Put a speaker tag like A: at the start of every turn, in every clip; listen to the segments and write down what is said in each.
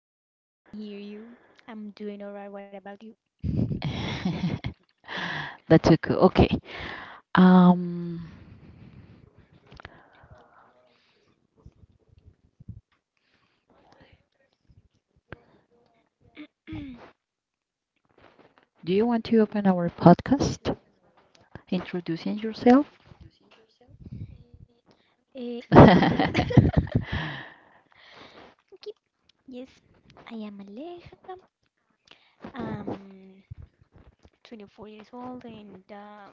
A: yes.
B: Jessica. Yes, I can hear you. I'm doing alright. What about you?
A: That's okay. Okay. Um, do you want to open our podcast? Introducing yourself?
B: Eh, no, no mentiras.
A: That's
B: Okay. Yes, I am Aleja. I'm 24 years old and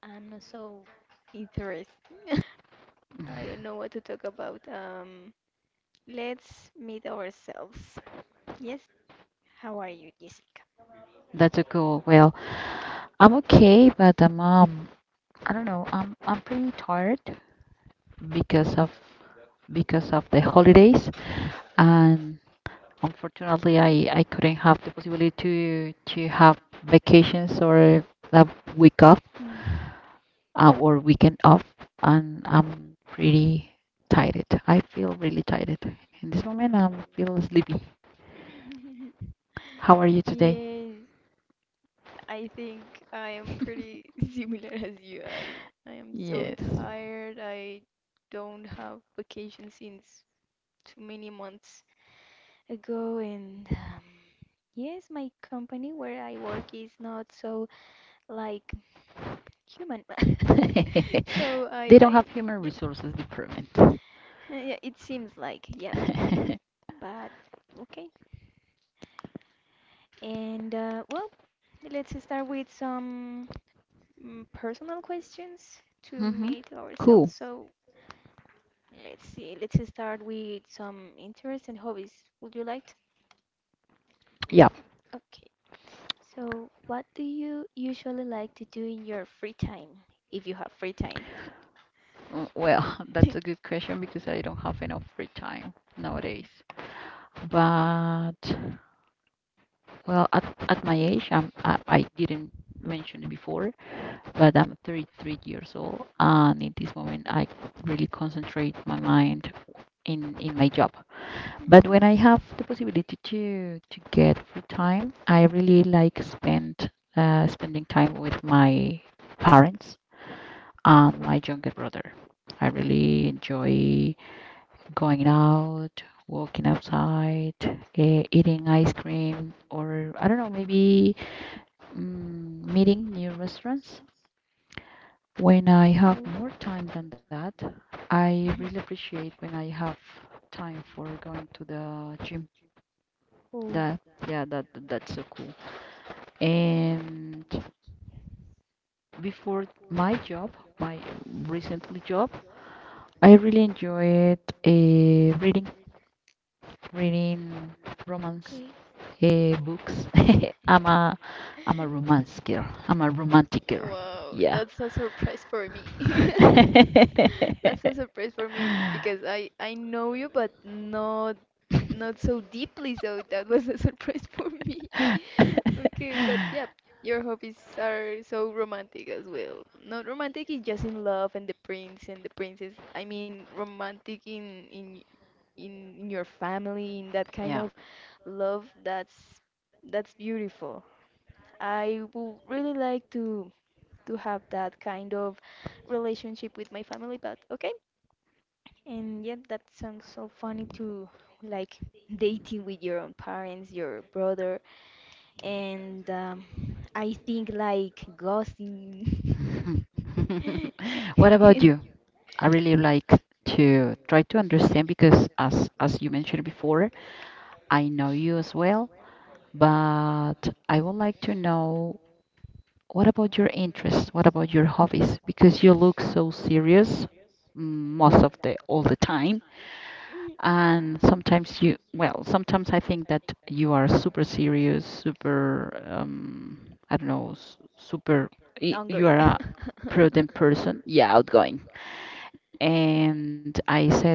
B: I'm not so interested. I don't know what to talk about. Let's meet ourselves. Yes, how are you, Jessica?
A: a cool. Well, I'm okay, but I don't know. I'm pretty tired because of because of the holidays, and unfortunately, I couldn't have the possibility to have vacations or a week off
B: Hmm.
A: or weekend off, and I'm pretty tired. I feel really tired in this moment. I feel sleepy. How are you today?
B: Yes, I think I am pretty similar as you. I am so
A: Yes.
B: tired. I don't have vacation since too many months ago, and yes, my company where I work is not so like human. So I
A: They don't
B: I
A: have human
B: yeah.
A: resources department.
B: Yeah, it seems like, yep. But okay. And well, let's start with some personal questions to
A: hmm
B: meet
A: Cool.
B: ourselves. So let's see. Let's start with some interests and hobbies. Would you like to?
A: Yeah.
B: Okay. So, what do you usually like to do in your free time, if you have free time?
A: Well, that's a good question because I don't have enough free time nowadays. But well, at my age, I didn't mention it before, but I'm 33 years old, and in this moment, I really concentrate my mind in my job. But
B: Mhm.
A: when I have the possibility to get free time, I really like spending time with my parents and my younger brother. I really enjoy going out, walking outside, eating ice cream, or I don't know, maybe meeting new restaurants. When I have more time than that, I really appreciate when I have time for going to the gym. That, yeah, that's so cool. And before my job, my recently job, I really enjoyed uh, reading reading romance
B: Okay.
A: books. I'm a I'm a romance girl. I'm a romantic girl.
B: Wow,
A: Yeah.
B: that's a surprise for me. That's a surprise for me because I know you, but not not so deeply. So that was a surprise for me. Okay, but yeah, your hobbies are so romantic as well. Not romantic in just in love and the prince and the princess. I mean romantic in in your family, in that kind
A: Yeah.
B: of love. That's beautiful. I would really like to have that kind of relationship with my family, but okay. And yet that sounds so funny to like dating with your own parents, your brother, and I think like ghosting
A: What about
B: in
A: you? I really like to try to understand because as you mentioned before, I know you as well, but I would like to know, what about your interests? What about your hobbies? Because you look so serious, most of the all the time, and sometimes sometimes I think that you are super serious, super I don't know, super you
B: Hungary.
A: are a prudent person. Yeah, outgoing. And I said,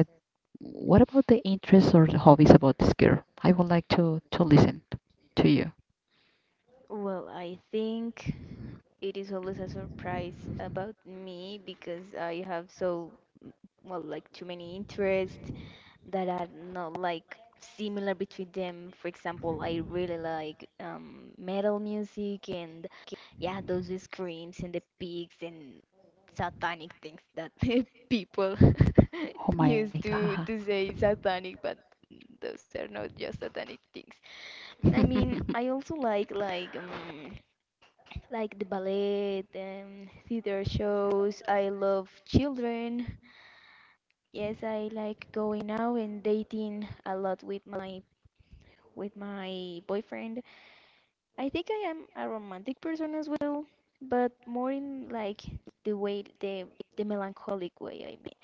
A: what about the interests or the hobbies about this girl? I would like to listen to you.
B: Well, I think it is always a surprise about me because I have so, well, like too many interests that are not like similar between them. For example, I really like metal music and yeah, those screams and the pigs and satanic things that people
A: Oh my
B: used
A: God.
B: to say satanic, but those are not just satanic things. I mean, I also like like like the ballet, theater shows. I love children. Yes, I like going out and dating a lot with my boyfriend. I think I am a romantic person as well, but more in like the way the melancholic way. I mean,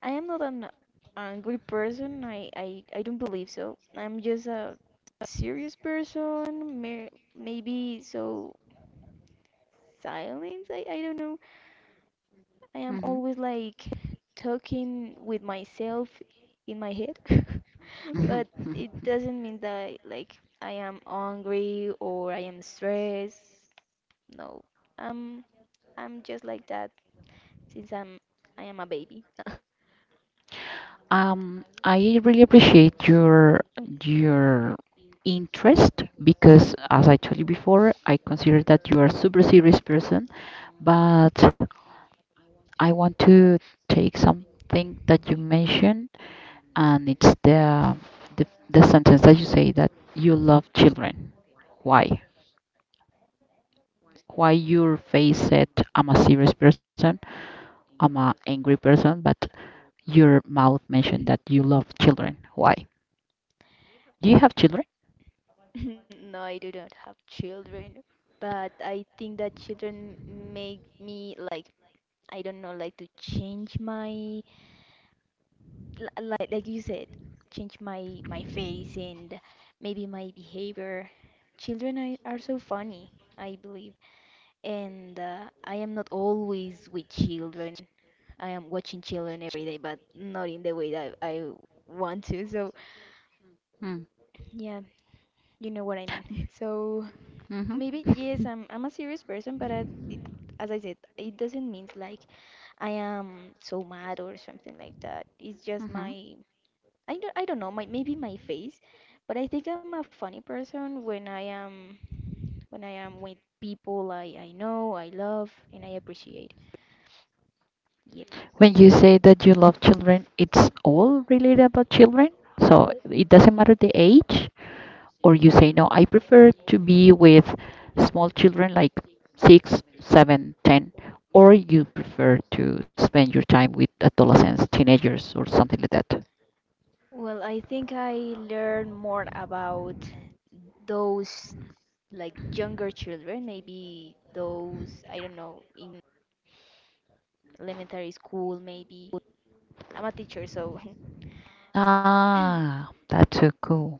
B: I am not an angry person. I don't believe so. I'm just a serious person. Mer maybe so silence. I don't know. I
A: Mhm,
B: am always like talking with myself in my head,
A: mhm,
B: but
A: mhm.
B: it doesn't mean that like I am angry or I am stressed. No, I'm I'm just like that since I am a baby.
A: I really appreciate your your interest because, as I told you before, I consider that you are a super serious person, but I want to take something that you mentioned, and it's the sentence that you say that you love children. Why? Why your face said I'm a serious person, I'm a angry person, but your mouth mentioned that you love children. Why? Do you have children?
B: No, I do not have children, but I think that children make me like I don't know like to change my li- like you said, change my my face and maybe my behavior. Children are so funny, I believe, and I am not always with children. I am watching children every day, but not in the way that I want to. So
A: Mm.
B: yeah, you know what I mean. So
A: hmm
B: maybe yes, I'm a serious person, but I, it- as I said, it doesn't mean like I am so mad or something like that. It's just
A: hmm
B: my I don't know my maybe my face, but I think I'm a funny person when I am with people I know I love and I appreciate. Yeah.
A: When you say that you love children, it's all related about children. So it doesn't matter the age, or you say no, I prefer to be with small children like 6, 7, 10, or you prefer to spend your time with adolescents, teenagers, or something like that.
B: Well, I think I learned more about those like younger children, maybe those I don't know in elementary school maybe. I'm a teacher, so
A: Ah, that's so cool.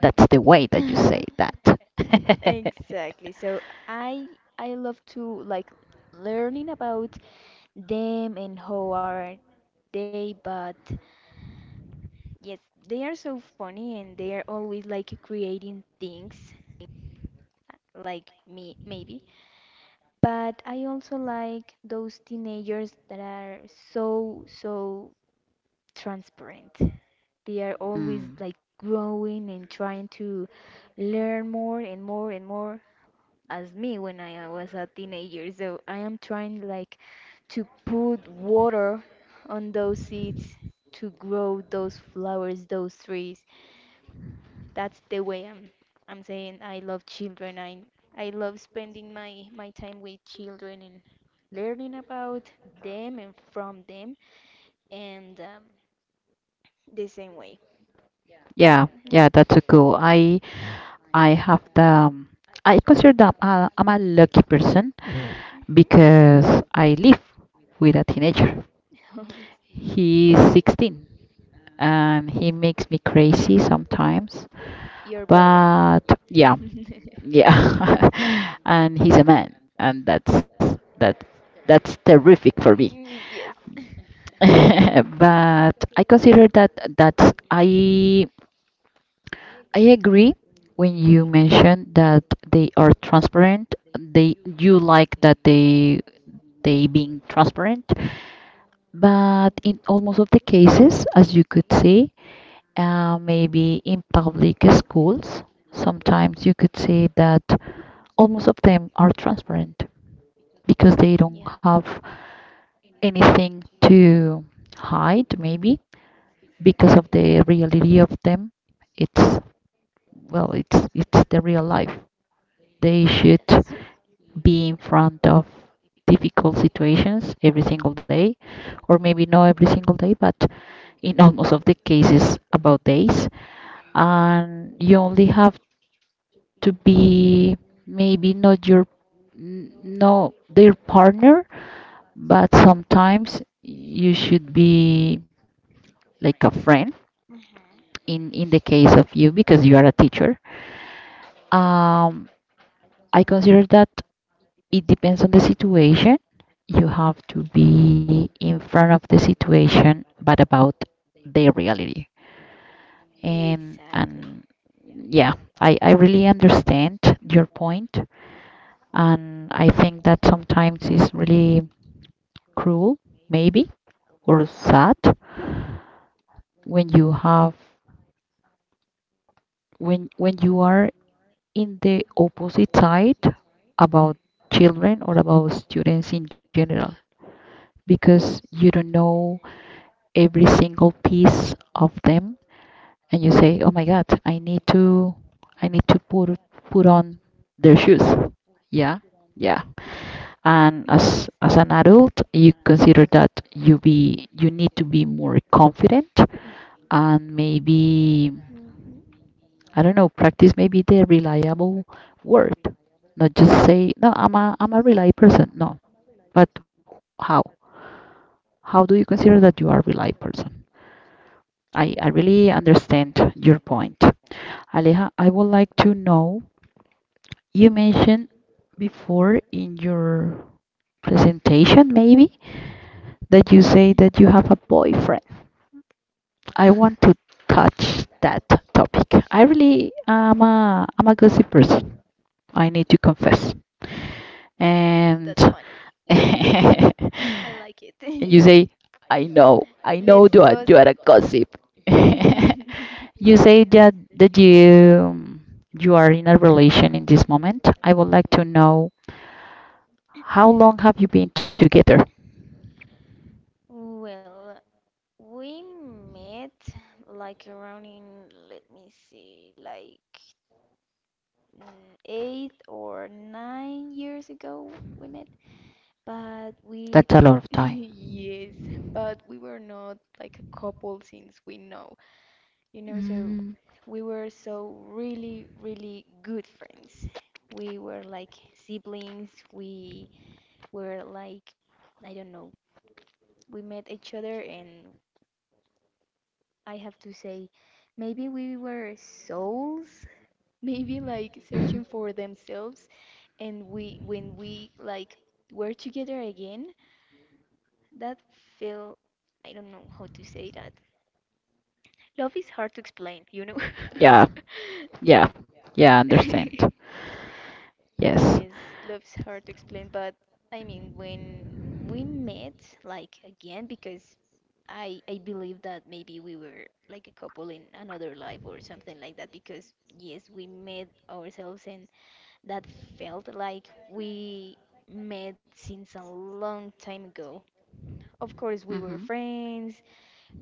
A: That's the way that you say
B: hmm
A: that.
B: exactly. So I I love to like learning about them and how are they, but yes, they are so funny and they are always like creating things like me maybe. But I also like those teenagers that are so transparent. They are always
A: Mm.
B: like growing and trying to learn more and more and more as me when I was a teenager. So I am trying like to put water on those seeds to grow those flowers, those trees. That's the way I'm saying I love children. I love spending my my time with children and learning about them and from them and the same way.
A: Yeah,
B: Mhm.
A: yeah, that's so cool. I have the I consider that I'm a lucky person
B: Mhm.
A: because I live with a teenager.
B: Oh,
A: He's
B: yeah.
A: 16. He makes me crazy sometimes,
B: Your brother.
A: but yeah, yeah. And he's a man, and that's terrific for me.
B: Y- Yes.
A: But I consider that that's I agree when you mentioned that they are transparent. They You like that they being transparent, but in almost of the cases, as you could see, maybe in public schools, sometimes you could say that almost of them are transparent because they
B: Yeah.
A: don't have anything to hide, maybe because of the reality of them. It's it's the real life. They should
B: Yes.
A: be in front of difficult situations every single day, or maybe not every single day, but in almost of the cases about days, and you only have to be maybe not your no their partner, but sometimes you should be like a friend
B: Mhm.
A: in the case of you because you are a teacher. Um, I consider that it depends on the situation. You have to be in front of the situation, but about the reality. And
B: Exactly.
A: Yeah, I really understand your point, and I think that sometimes it's really cruel, maybe, or sad when you have when you are in the opposite side about children or about students in general, because you don't know every single piece of them, and you say, oh my god, I need to i need to put put on their shoes.
B: Yes.
A: Yeah, yeah, and as an adult, you consider that you need to be more confident,
B: Mhm.
A: and maybe I don't know, practice maybe the reliable word. Not just say, no, I'm a reliable person. No, but how? How do you consider that you are a reliable person? I really understand your point. Aleja, I would like to know, you mentioned before in your presentation, maybe, that you say that you have a boyfriend. I want to touch that topic. I really I'm a gossip person. I need to confess.
B: That's
A: And
B: funny.
A: and
B: I like it.
A: you say, I
B: Let's
A: know you are a
B: gossip.
A: gossip. You say that you are in a relation in this moment. I would like to know, how long have you been together?
B: Well, we met like around in, let me see, like 8 or 9 years ago we met, but we
A: That's a lot of time.
B: yes, but we were not like a couple since we know, you know, so
A: Mm,
B: we were so really, really good friends. We were like siblings. We were like, I don't know, we met each other, and I have to say, maybe we were souls, maybe like
A: mhm.
B: searching for themselves. And we, when we like were together again, that felt, I don't know how to say that love is hard to explain, you know.
A: Yeah, yeah, yeah, I understand. Yes.
B: Yes, love is hard to explain, but I mean, when we met, like again, because I believe that maybe we were like a couple in another life or something like that, because yes, we met ourselves and that felt like we met since a long time ago. Of course, we
A: Mm-hmm.
B: were friends.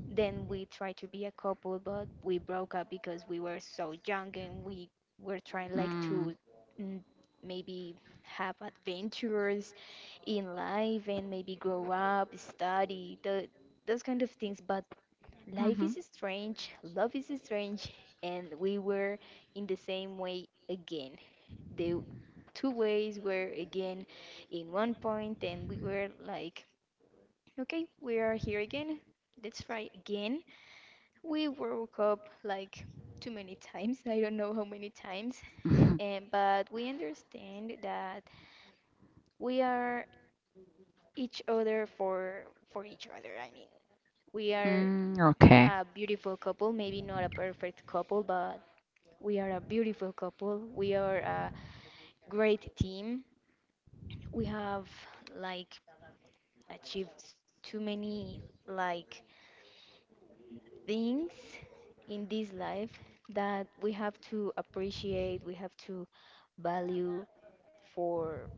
B: Then we tried to be a couple, but we broke up because we were so young and we were trying like
A: Mm,
B: to mm, maybe have adventures in life and maybe grow up, study, the, those kind of things. But life
A: mm-hmm.
B: is strange, love is strange, and we were in the same way again. The two ways were again in one point, and we were like, okay, we are here again. Let's try again. We woke up like too many times. I don't know how many times,
A: Mhm.
B: and but we understand that we are each other for each other. I mean, we are
A: Mm, okay.
B: a beautiful couple, maybe not a perfect couple, but we are a beautiful couple. We are a great team. We have like achieved s- too many like things in this life that we have to appreciate, we have to value for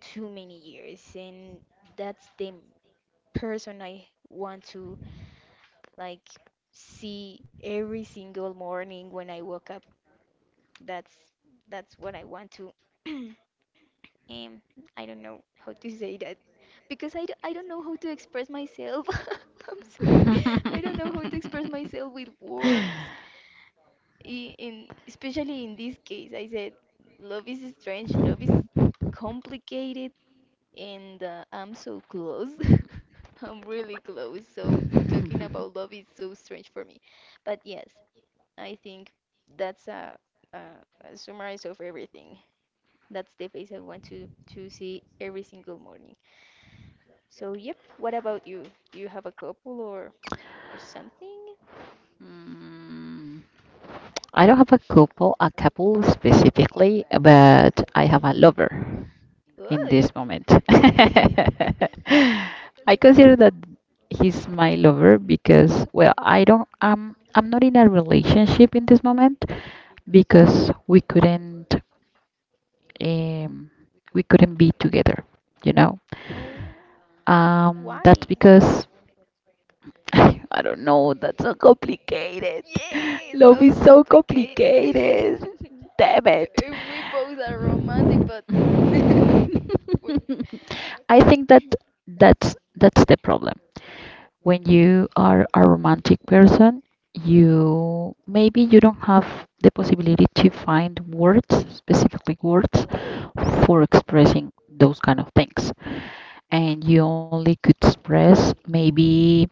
B: too many years, and that's the person I want to like see every single morning when I wake up. That's that's what I want to um I don't know how to say that because I don't know how to express myself. I'm sorry. I don't know how to express myself with words. I- In especially in this case, I said love is strange, love is complicated, and I'm so close. I'm really close. So talking about love is so strange for me. But yes, I think that's a, a summarize of everything. That's the face I want to see every single morning. So yep. What about you? Do you have a couple or something?
A: Mm. I don't have a couple specifically, but I have a lover in
B: Oy.
A: this moment. I consider that he's my lover because, well, I don't, I'm not in a relationship in this moment because um, we couldn't be together, you know?
B: Oh,
A: That's
B: why?
A: because, I don't know, that's so complicated.
B: Yes,
A: Love
B: love
A: is
B: is
A: so
B: complicated.
A: complicated. Damn it.
B: We both are romantic, but we're,
A: I think that that's the problem. When you are a romantic person, you maybe you don't have the possibility to find words, specifically words, for expressing those kind of things. And you only could express maybe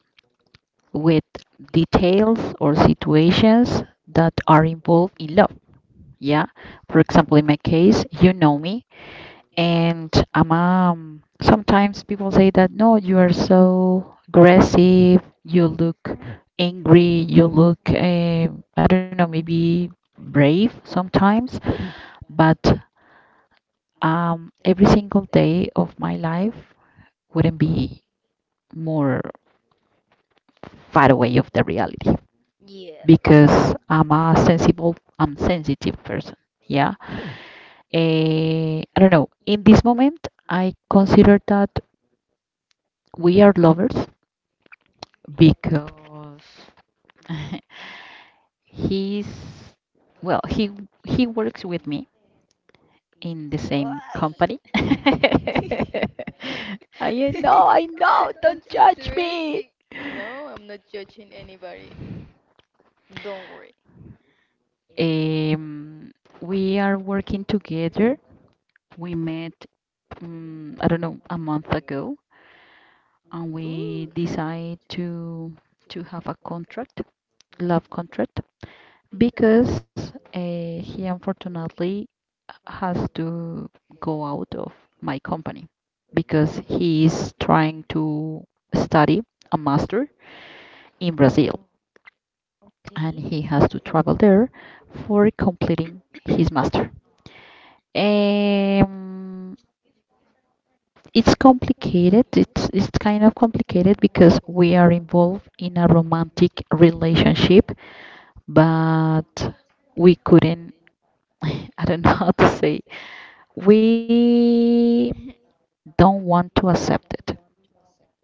A: with details or situations that are involved in love. Yeah. For example, in my case, you know me. And mom, sometimes people say that, no, you are so aggressive, you look
B: hmm
A: angry, you look, I don't know, maybe brave sometimes, but every single day of my life wouldn't be more far away of the reality
B: yeah.
A: because I'm sensitive person. Yeah. I don't know. In this moment, I consider that we are lovers because he's well he he works with me in the same
B: Why?
A: company. I know, I know,
B: That's
A: don't judge me.
B: interesting. No, I'm not judging anybody. Don't worry.
A: um we are working together. We met I don't know, a month ago, and we
B: Ooh.
A: decide to have a contract, love contract, because he unfortunately has to go out of my company because he is trying to study a master in Brazil,
B: Oh,
A: and
B: okay.
A: he has to travel there for completing his master. Um, it's complicated. It's kind of complicated because we are involved in a romantic relationship, but we couldn't. I don't know how to say. We don't want to accept it.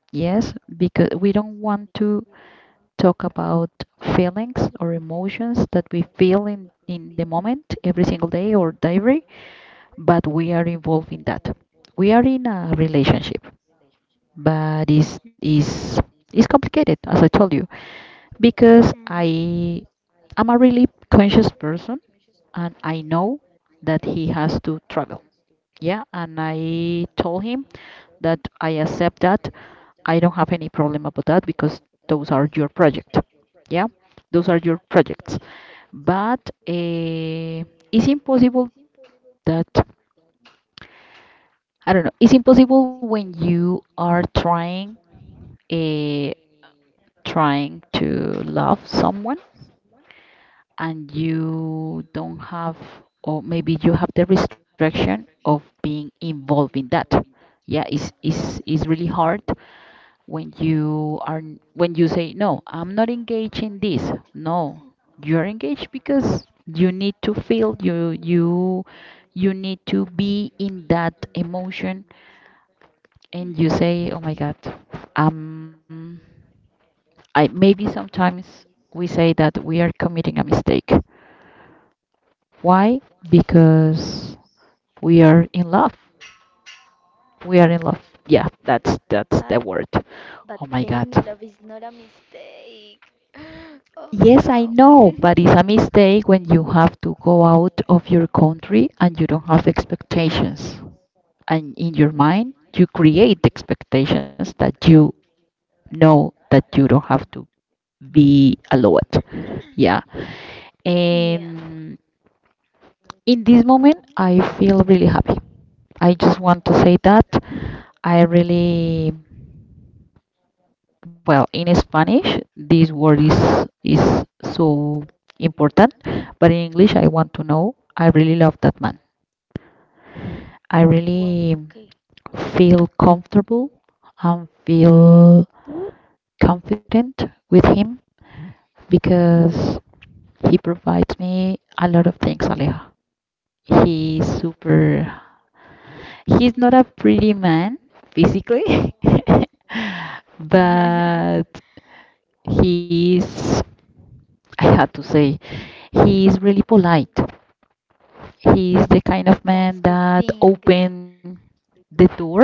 A: Yes, because we don't want to talk about feelings or emotions that we feel in the moment every single day or diary, but we are involved in that. We are in a relationship,
B: Mm-hmm.
A: but it's complicated, as I told you,
B: Mm-hmm.
A: because I am a really conscious person, and I know that he has to travel. Yeah, and I told him that I accept that, I don't have any problem about that, because those are your project. Yeah, those are your projects. But uh, it's impossible that I don't know. It's impossible when you are trying a trying to love someone, and you don't have, or maybe you have the restriction of being involved in that. Yeah, it's really hard when you are when you say no, I'm not engaged in this. No, you're engaged because you need to feel, you you need to be in that emotion, and
B: Mm-hmm.
A: you say, oh my god, um I maybe sometimes we say that we are committing a mistake. Why? Because we are in love. We are in love. Yeah,
B: But
A: that's the word.
B: But
A: Oh
B: being
A: my
B: in
A: god.
B: love is not a mistake. Oh
A: Yes,
B: no.
A: I know, but it's a mistake when you have to go out of your country and you don't have expectations. And in your mind, you create expectations that you know that you don't have to be allowed. Yeah.
B: Yeah,
A: And in this moment, I feel really happy. I just want to say that I really, well, in Spanish, this word is so important, but in English, I want to know. I really love that man. I really
B: okay.
A: feel comfortable and feel confident with him because he provides me a lot of things, Aleja. He's super, he's not a pretty man physically,
B: I
A: but he's, I had to say, he's really polite. He's the kind of man that
B: think
A: opens the door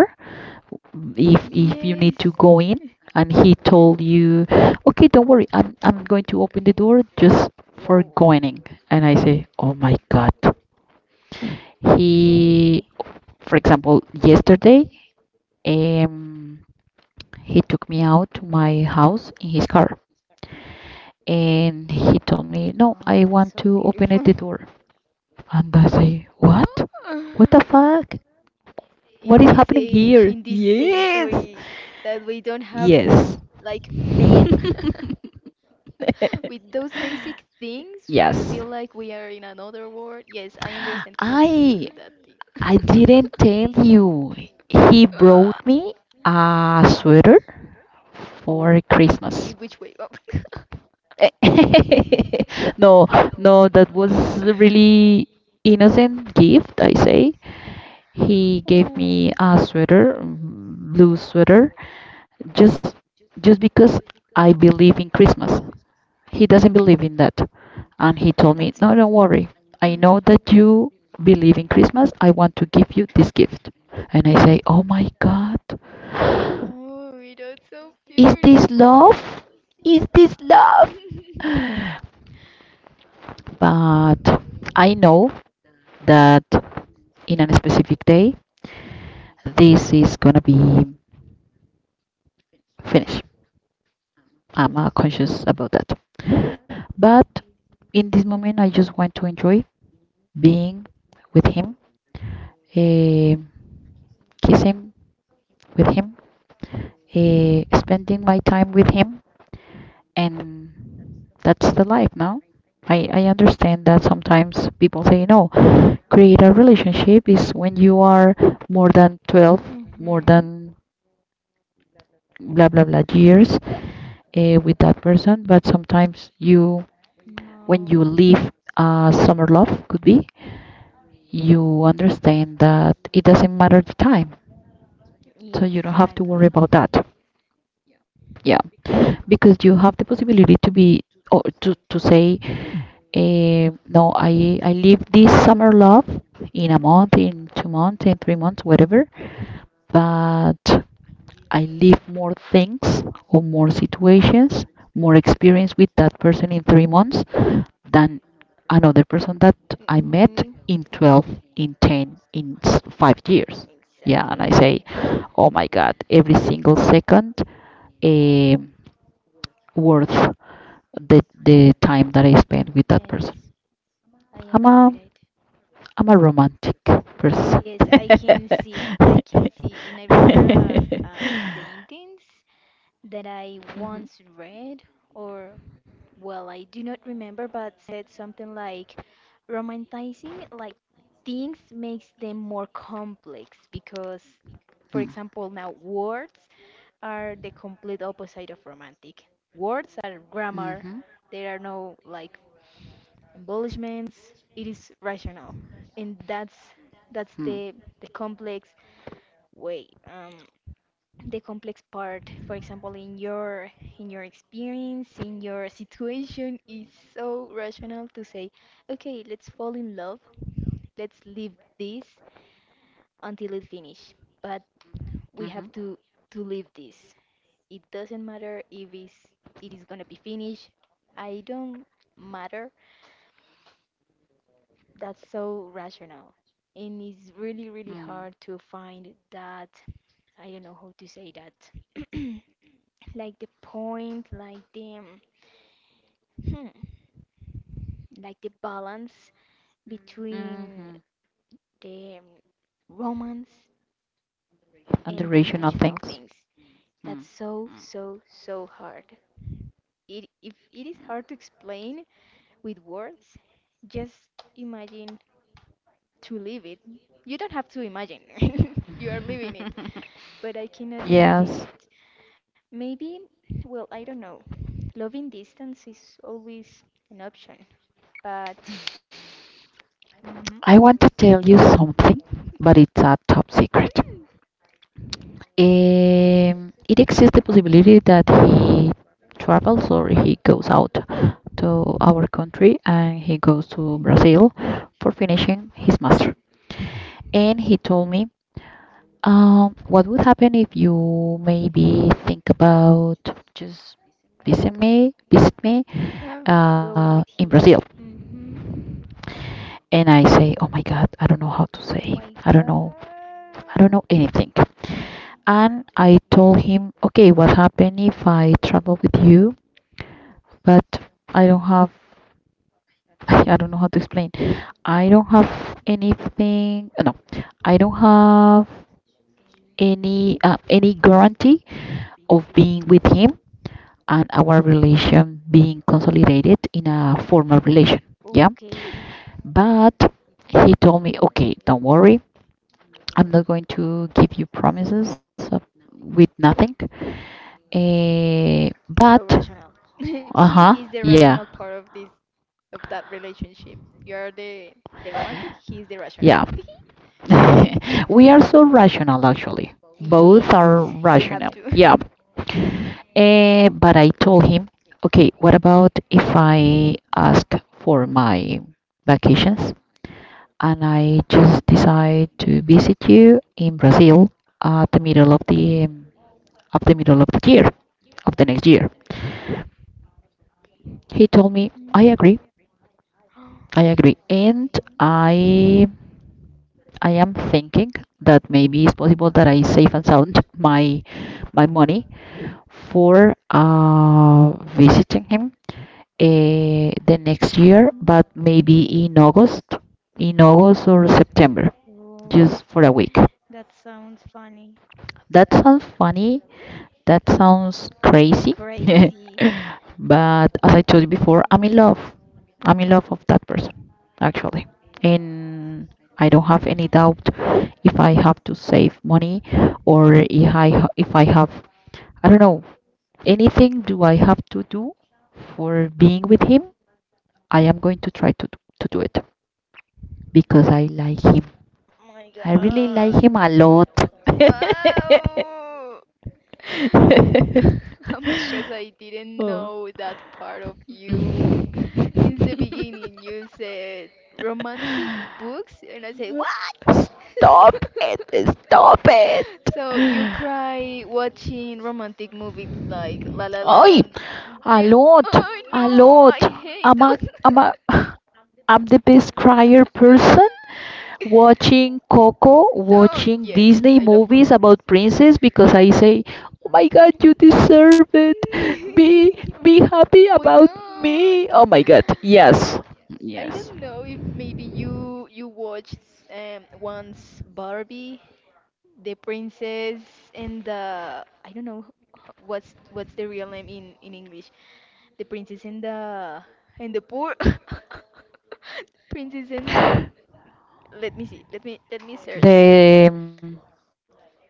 A: if you need to
B: yes.
A: go in, and he told you, okay, don't worry, I'm going to open the door just for
B: Whoa.
A: going in. And I say, oh my God.
B: Okay.
A: He, for example, yesterday, um he took me out to my house in his car, and he told me, no, I want to open it the door. And I say, what? What the fuck?
B: In this
A: What is
B: age, in
A: happening
B: this
A: here?
B: century,
A: Yes,
B: that we don't have like
A: yes.
B: men. With those basic things, we feel like
A: Yes.
B: we are in another world. Yes, I understand completely that.
A: I didn't tell you. He
B: Ugh.
A: brought me a sweater for
B: In which way
A: Christmas.
B: up?
A: No, no, that was a really innocent gift, I say. He gave
B: Oh.
A: me a sweater, mm, blue sweater, just because I believe in Christmas. He doesn't believe in that. And he told me, no, don't worry. I know that you believe in Christmas. I want to give you this gift. And I say, oh my God,
B: Oh, it is
A: is this love? Is this love? But I know that in a specific day, this is gonna be finished. I'm conscious about that. But in this moment, I just want to enjoy being with him, eh, kiss him with him, spending my time with him, and that's the life now. I understand that sometimes people say, no, create a relationship is when you are more than 12, more than blah blah blah years, with that person. But sometimes you, when you leave, summer love could be, you understand that it doesn't matter the time, so you don't have to worry about that, yeah, because you have the possibility to be, or to say, no, I live this summer love in a month, in 2 months, in 3 months, whatever. But I live more things or more situations, more experience with that person in 3 months than another person that I met
B: mm-hmm.
A: in 12, in 10, in 5 years. Yeah, and I
B: Exactly.
A: say, oh my God, every single second, eh, worth the time that I spent with that person.
B: Yes, I
A: I'm
B: agree with
A: a
B: it.
A: I'm a romantic person.
B: Yes, I can see. I can see. And I remember a sentence that I
A: Mhm.
B: once read, or, well, I do not remember, but said something like, romanticizing like things makes them more complex because
A: Mm.
B: for example now words are the complete opposite of romantic, words are
A: Mhm.
B: grammar, there are no like embellishments, it is rational, and that's
A: Mm.
B: the complex way, the complex part for example in your experience in your situation is so rational to say okay let's fall in love let's leave this until it finish. But we
A: Mhm.
B: have to leave this. It doesn't matter if it's, it is gonna be finished. I don't matter. That's so rational. And it's really, really
A: Mm.
B: hard to find that. I don't know how to say that, like the point, like the, hmm, like the balance between
A: Mhm.
B: the romance
A: And the
B: and the
A: rational
B: rational
A: things.
B: things.
A: Mm.
B: That's so,
A: Mm.
B: so, so hard. It, if it is hard to explain with words, just imagine to live it. You don't have to imagine, you are living it, but I cannot imagine
A: Yes,
B: it. Maybe, well, I don't know. Loving distance is always an option, but
A: I want to tell you something, but it's a top secret. It exists the possibility that he travels or he goes out to our country and he goes to Brazil for finishing his master. And he told me, what would happen if you maybe think about just visit me,
B: uh, going
A: in
B: with
A: Brazil?
B: him. Mm-hmm.
A: And I say, oh my God, I don't know how to
B: Oh
A: say.
B: my
A: I don't know. I don't
B: God.
A: know anything. And I told him, okay, what happened if I travel with you? But I don't have. I don't know how to explain. I don't have anything. No, I don't have any guarantee of being with him and our relation being consolidated in a formal relation. Yeah.
B: Okay,
A: But he told me, okay, don't worry. I'm not going to give you promises with nothing. Eh, but,
B: so rational.
A: uh
B: he
A: huh,
B: is the
A: yeah,
B: rational part of this of that relationship. You are the romantic, he is the rational.
A: yeah. We are so rational, actually. Both
B: Yes.
A: are
B: You have
A: rational.
B: to.
A: Yeah. But I told him, okay, what about if I ask for my vacations? And I just decide to visit you in Brazil at the middle of the middle of the year of the next year. He
B: Mhm.
A: told me, I agree, I agree. And I I am thinking that maybe it's possible that I save and sound my money for visiting him, the next year, but maybe in August or September, just for a week.
B: Me.
A: That sounds funny. That sounds crazy. But as I told you before, I'm in love. I'm in love of that person, actually. And I don't have any doubt. If I have to save money or if I have, I don't know, anything do I have to do for being with him, I am going to try to do it because I like him.
B: My
A: I
B: God.
A: really like him a lot.
B: Wow! I'm shocked. I didn't
A: Oh.
B: know that part of you. Since the beginning, you said romantic books, and I say, what?
A: Stop it, stop it.
B: So you cry watching romantic movies like La La
A: Ay,
B: Land. Yeah.
A: alot,
B: Oh no,
A: alot.
B: I
A: I'm
B: hate
A: a,
B: those.
A: I'm a, I'm the best crier person watching Coco,
B: Oh
A: watching
B: yes,
A: Disney
B: I love
A: movies
B: Coco.
A: about princess, because I say, oh my God, you deserve it. Be, be happy
B: My
A: about me.
B: God.
A: Oh my God. Yes.
B: I
A: Yes.
B: don't know if maybe you you watched once Barbie, the princess and the I don't know h- what's the real name in English. The princess and the poor. Princess and the- let me see. Let me search it.
A: The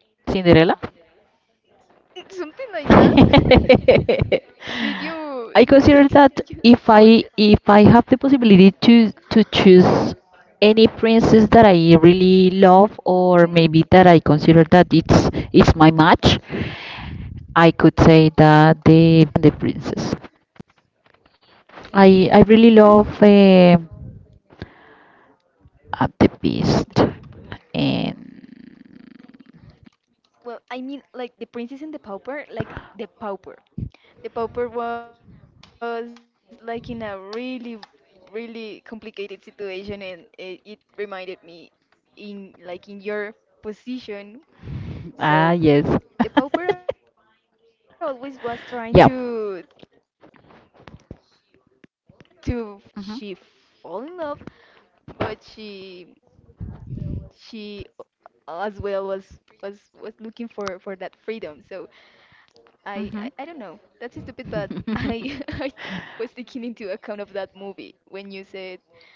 A: Cinderella?
B: Something like that. Did you
A: I consider that
B: did you watch it?
A: if I have the possibility to choose any princess that I really love, or maybe that
B: Mhm.
A: I consider that it's my match, I could say that the princess. I really love,
B: Yes.
A: um, the beast
B: The pauper.
A: and
B: Well, I mean, like the princess and the pauper, like the pauper. The pauper was like in a really, really complicated situation, and it reminded me in like in your position.
A: ah yes
B: So the pauper always was trying
A: yeah.
B: to find the and that's the thing.
A: Mhm.
B: She fall in love, but she as well was was looking for that freedom. So
A: Mhm.
B: I don't know. That's stupid, but I was taking into account of that movie when you said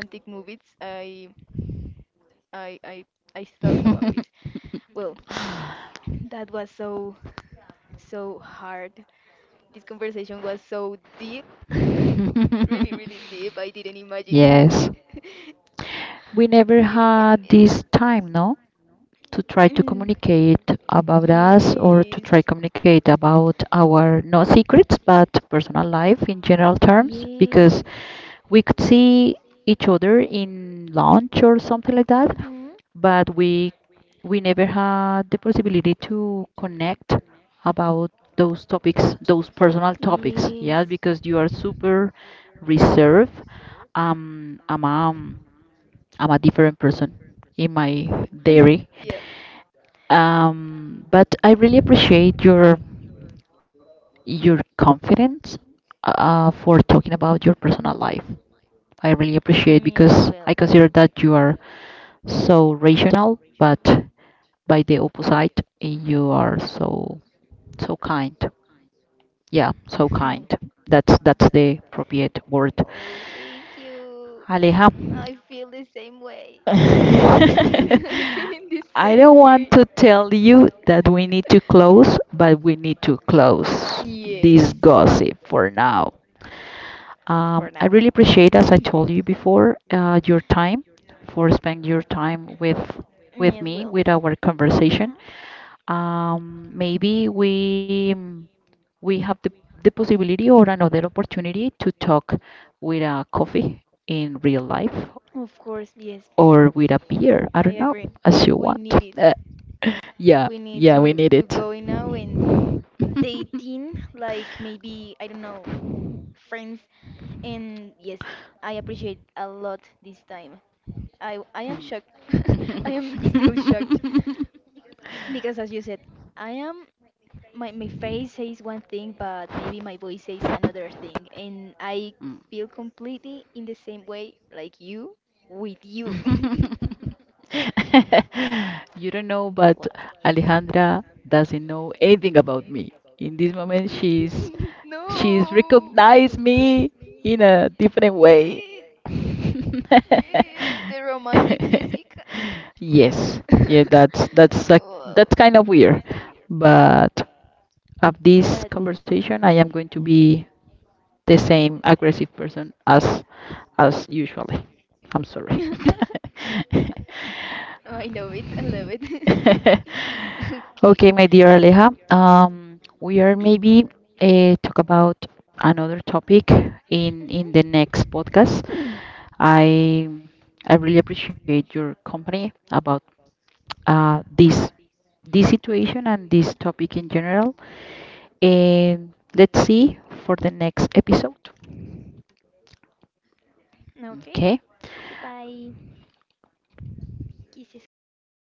B: romantic movies. I I I thought about this. Well, that was so so hard. This conversation was so deep, really really deep. I didn't
A: Yes.
B: imagine it.
A: We never
B: I
A: had
B: didn't
A: this
B: imagine it.
A: time, no, to try to
B: Mm.
A: communicate about us or to try
B: Yes. Yes.
A: communicate about our not secrets but personal life in general terms, because we could see each other in lunch or something like that,
B: Mm-hmm.
A: but we never had the possibility to connect about those topics, those personal topics,
B: Yes.
A: yeah, because you are super reserved. Um, I'm I'm a different person in my dairy.
B: Yep.
A: But I really appreciate your confidence, for talking about your personal life. I really appreciate, because I consider that you are so rational, but by the opposite, you are so kind. Yeah, so kind. That's the appropriate word.
B: Oh, thank you.
A: Aleja,
B: I feel the same way. I'm
A: I
B: feeling the
A: don't
B: same
A: want
B: way.
A: to tell you that we need to close, but we need to close
B: Yes,
A: this gossip for now.
B: for
A: I
B: now.
A: really appreciate, as I told you before, your time for spending your time
B: Me
A: with
B: as
A: me
B: well.
A: with our
B: Hmm.
A: conversation. Maybe we we have the possibility or another opportunity to talk with a coffee in real life
B: Of course, yes,
A: or with a beer.
B: I
A: I don't know,
B: agree.
A: as you
B: We
A: want.
B: need it.
A: Uh, yeah,
B: We need
A: yeah, we need
B: to
A: it.
B: go in now and dating, like maybe I don't know, friends. And yes, I appreciate a lot this time. I am shocked. I
A: Mm.
B: am still shocked because as you said, I am my my face says one thing, but maybe my voice says another thing, and I feel completely in the same way like you with you.
A: Mm. You don't know, but
B: Wow.
A: Alejandra doesn't know anything about me. In this moment, she's
B: No.
A: recognized me in a different way.
B: Yes. Yes, the romantic Jessica.
A: Yes, yeah, that's a,
B: Wow.
A: that's kind of weird, but of this
B: But-
A: conversation, I am going to be the same aggressive person as usually. I'm sorry.
B: Oh, I love it. I love it. Okay.
A: Okay, my dear Aleja, we are maybe talk about another topic in the next podcast. I I really appreciate your company about this situation and this topic in general. And let's see for the next episode.
B: Okay,
A: Okay
B: goodbye. Kisses, kisses.